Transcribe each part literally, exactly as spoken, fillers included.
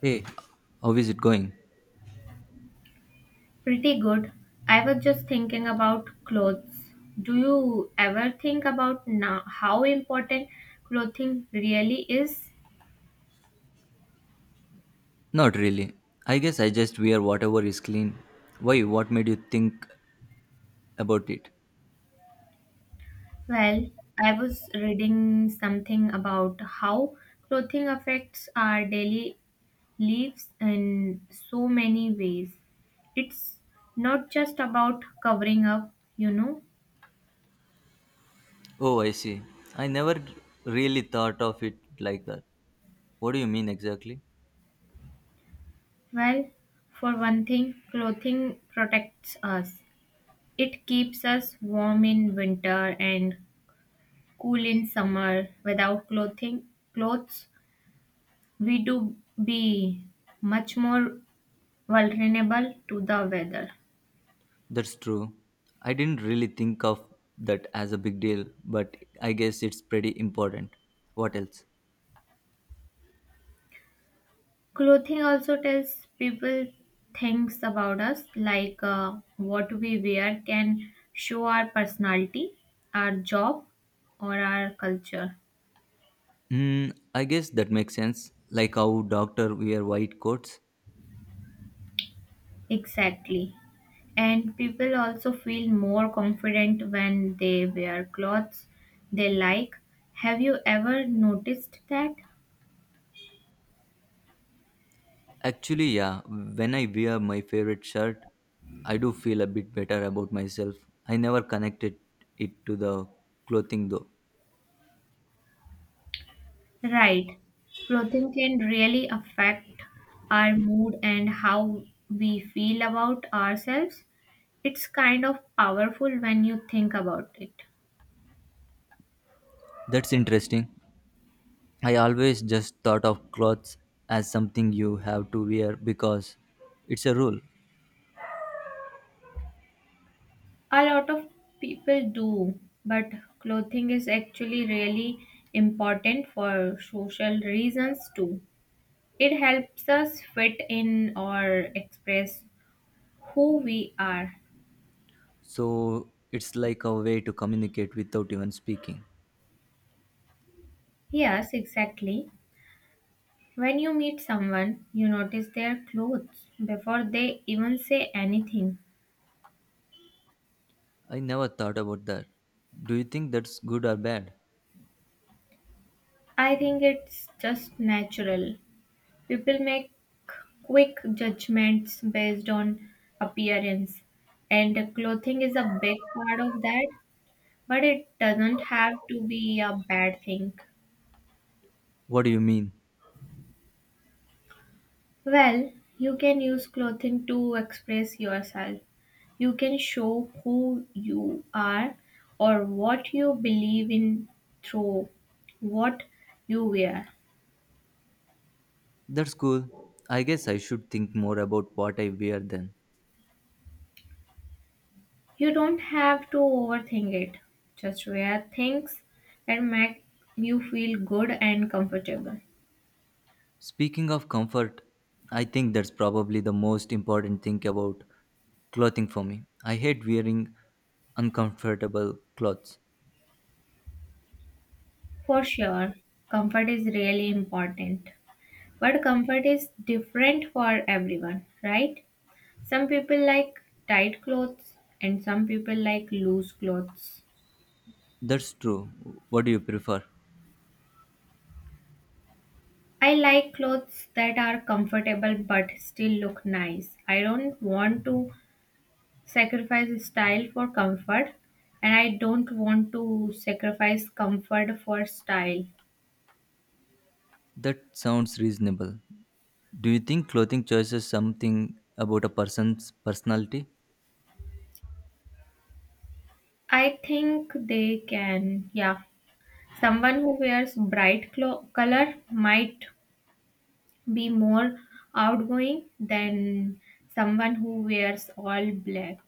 Hey, how is it going? Pretty good. I was just thinking about clothes. Do you ever think about now how important clothing really is? Not really. I guess I just wear whatever is clean. Why? What made you think about it? Well, I was reading something about how clothing affects our daily lives in so many ways. It's not just about covering up, you know. Oh, I see. I never really thought of it like that. What do you mean exactly? Well, for one thing, clothing protects us. It keeps us warm in winter and cool in summer without clothing clothes we do be much more vulnerable to the weather. That's true. I didn't really think of that as a big deal, but I guess it's pretty important. What else? Clothing also tells people things about us, like uh, what we wear can show our personality, our job, or our culture. Hmm, I guess that makes sense. Like how doctor wear white coats. Exactly. And people also feel more confident when they wear clothes they like. Have you ever noticed that? Actually, yeah, when I wear my favorite shirt, I do feel a bit better about myself. I never connected it to the clothing though. Right. Clothing can really affect our mood and how we feel about ourselves. It's kind of powerful when you think about it. That's interesting. I always just thought of clothes as something you have to wear because it's a rule. A lot of people do, but clothing is actually really important for social reasons too. It helps us fit in or express who we are. So it's like a way to communicate without even speaking. Yes, exactly. When you meet someone, you notice their clothes before they even say anything. I never thought about that. Do you think that's good or bad? I think it's just natural. People make quick judgments based on appearance, and clothing is a big part of that, but it doesn't have to be a bad thing. What do you mean? Well, you can use clothing to express yourself. You can show who you are or what you believe in through what you wear. That's cool. I guess I should think more about what I wear then. You don't have to overthink it. Just wear things that make you feel good and comfortable. Speaking of comfort, I think that's probably the most important thing about clothing for me. I hate wearing uncomfortable clothes. For sure, comfort is really important. But comfort is different for everyone, right? Some people like tight clothes and some people like loose clothes. That's true. What do you prefer? I like clothes that are comfortable but still look nice. I don't want to sacrifice style for comfort, and I don't want to sacrifice comfort for style. That sounds reasonable. Do you think clothing choices something about a person's personality? I think they can, yeah. Someone who wears bright clo- color might be more outgoing than someone who wears all black.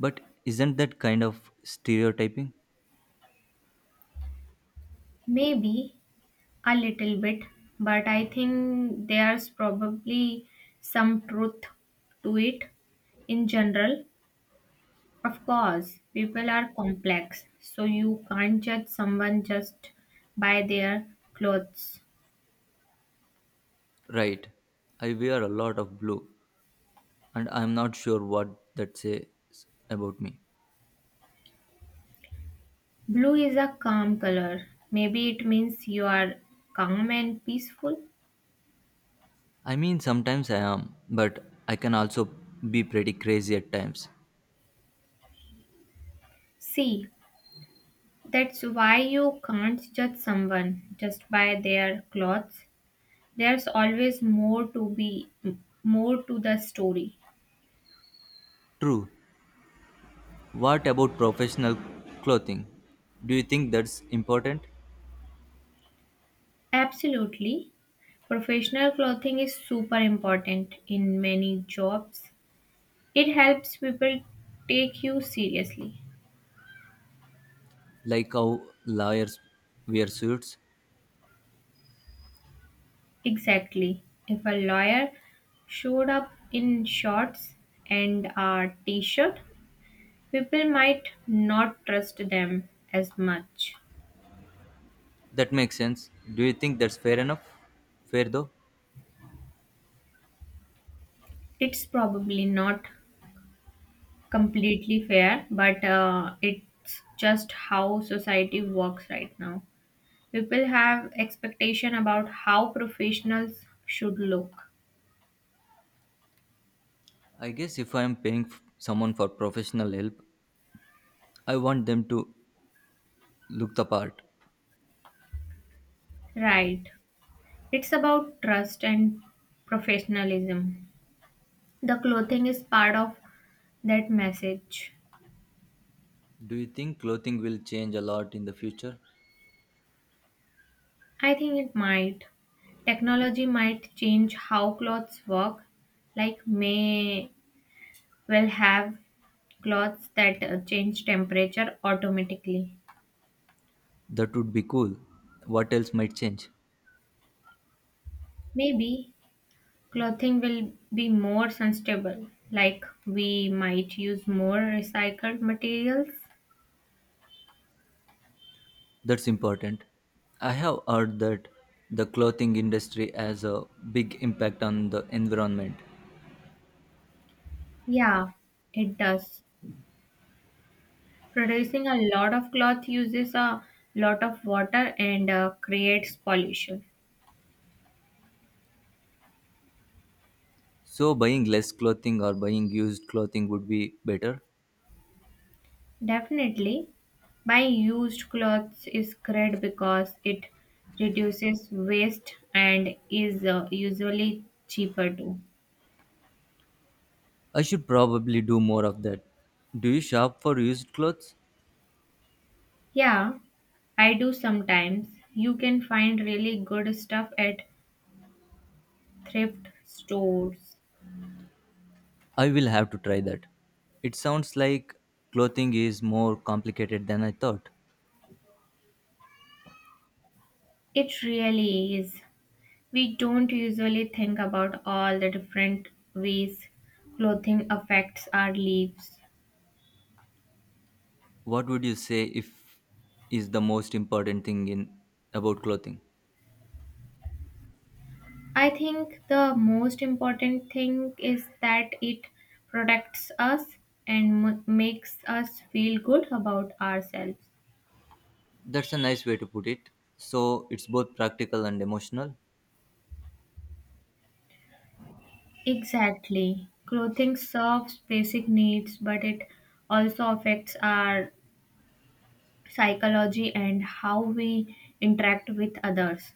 But isn't that kind of stereotyping? Maybe. A little bit, but I think there's probably some truth to it in general. Of course, people are complex, so you can't judge someone just by their clothes. Right. I wear a lot of blue and I'm not sure what that says about me. Blue is a calm color. Maybe it means you are calm and peaceful. I mean, sometimes I am, but I can also be pretty crazy at times. See, that's why you can't judge someone just by their clothes. There's always more to be more to the story. True. What about professional clothing? Do you think that's important? Absolutely. Professional clothing is super important in many jobs. It helps people take you seriously. Like how lawyers wear suits? Exactly. If a lawyer showed up in shorts and a t shirt, people might not trust them as much. That makes sense. Do you think that's fair enough? Fair though? It's probably not completely fair, but uh, it's just how society works right now. People have expectation about how professionals should look. I guess if I am paying f- someone for professional help, I want them to look the part. Right. It's about trust and professionalism. The clothing is part of that message. Do you think clothing will change a lot in the future? I think it might. Technology might change how clothes work, like may will have clothes that uh, change temperature automatically. That would be cool. What else might change? Maybe clothing will be more sustainable, like we might use more recycled materials. That's important. I have heard that the clothing industry has a big impact on the environment. Yeah, it does. Producing a lot of cloth uses a lot of water and uh, creates pollution. So, buying less clothing or buying used clothing would be better. Definitely, buying used clothes is great because it reduces waste and is uh, usually cheaper too. I should probably do more of that. Do you shop for used clothes? Yeah, I do sometimes. You can find really good stuff at thrift stores. I will have to try that. It sounds like clothing is more complicated than I thought. It really is. We don't usually think about all the different ways clothing affects our lives. What would you say if is the most important thing in about clothing? I think the most important thing is that it protects us and m- makes us feel good about ourselves. That's a nice way to put it. So, it's both practical and emotional. Exactly. Clothing serves basic needs, but it also affects our psychology and how we interact with others.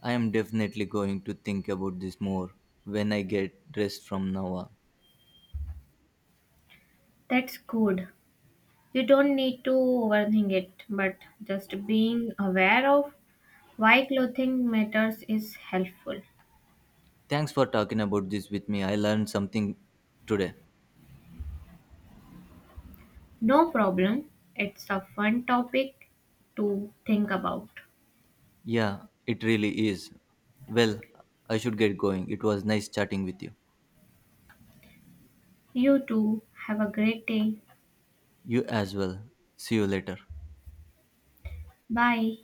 I am definitely going to think about this more when I get dressed from now on. That's good. You don't need to overthink it, but just being aware of why clothing matters is helpful. Thanks for talking about this with me. I learned something today. No problem. It's a fun topic to think about. Yeah, it really is. Well, I should get going. It was nice chatting with you. You too. Have a great day. You as well. See you later. Bye.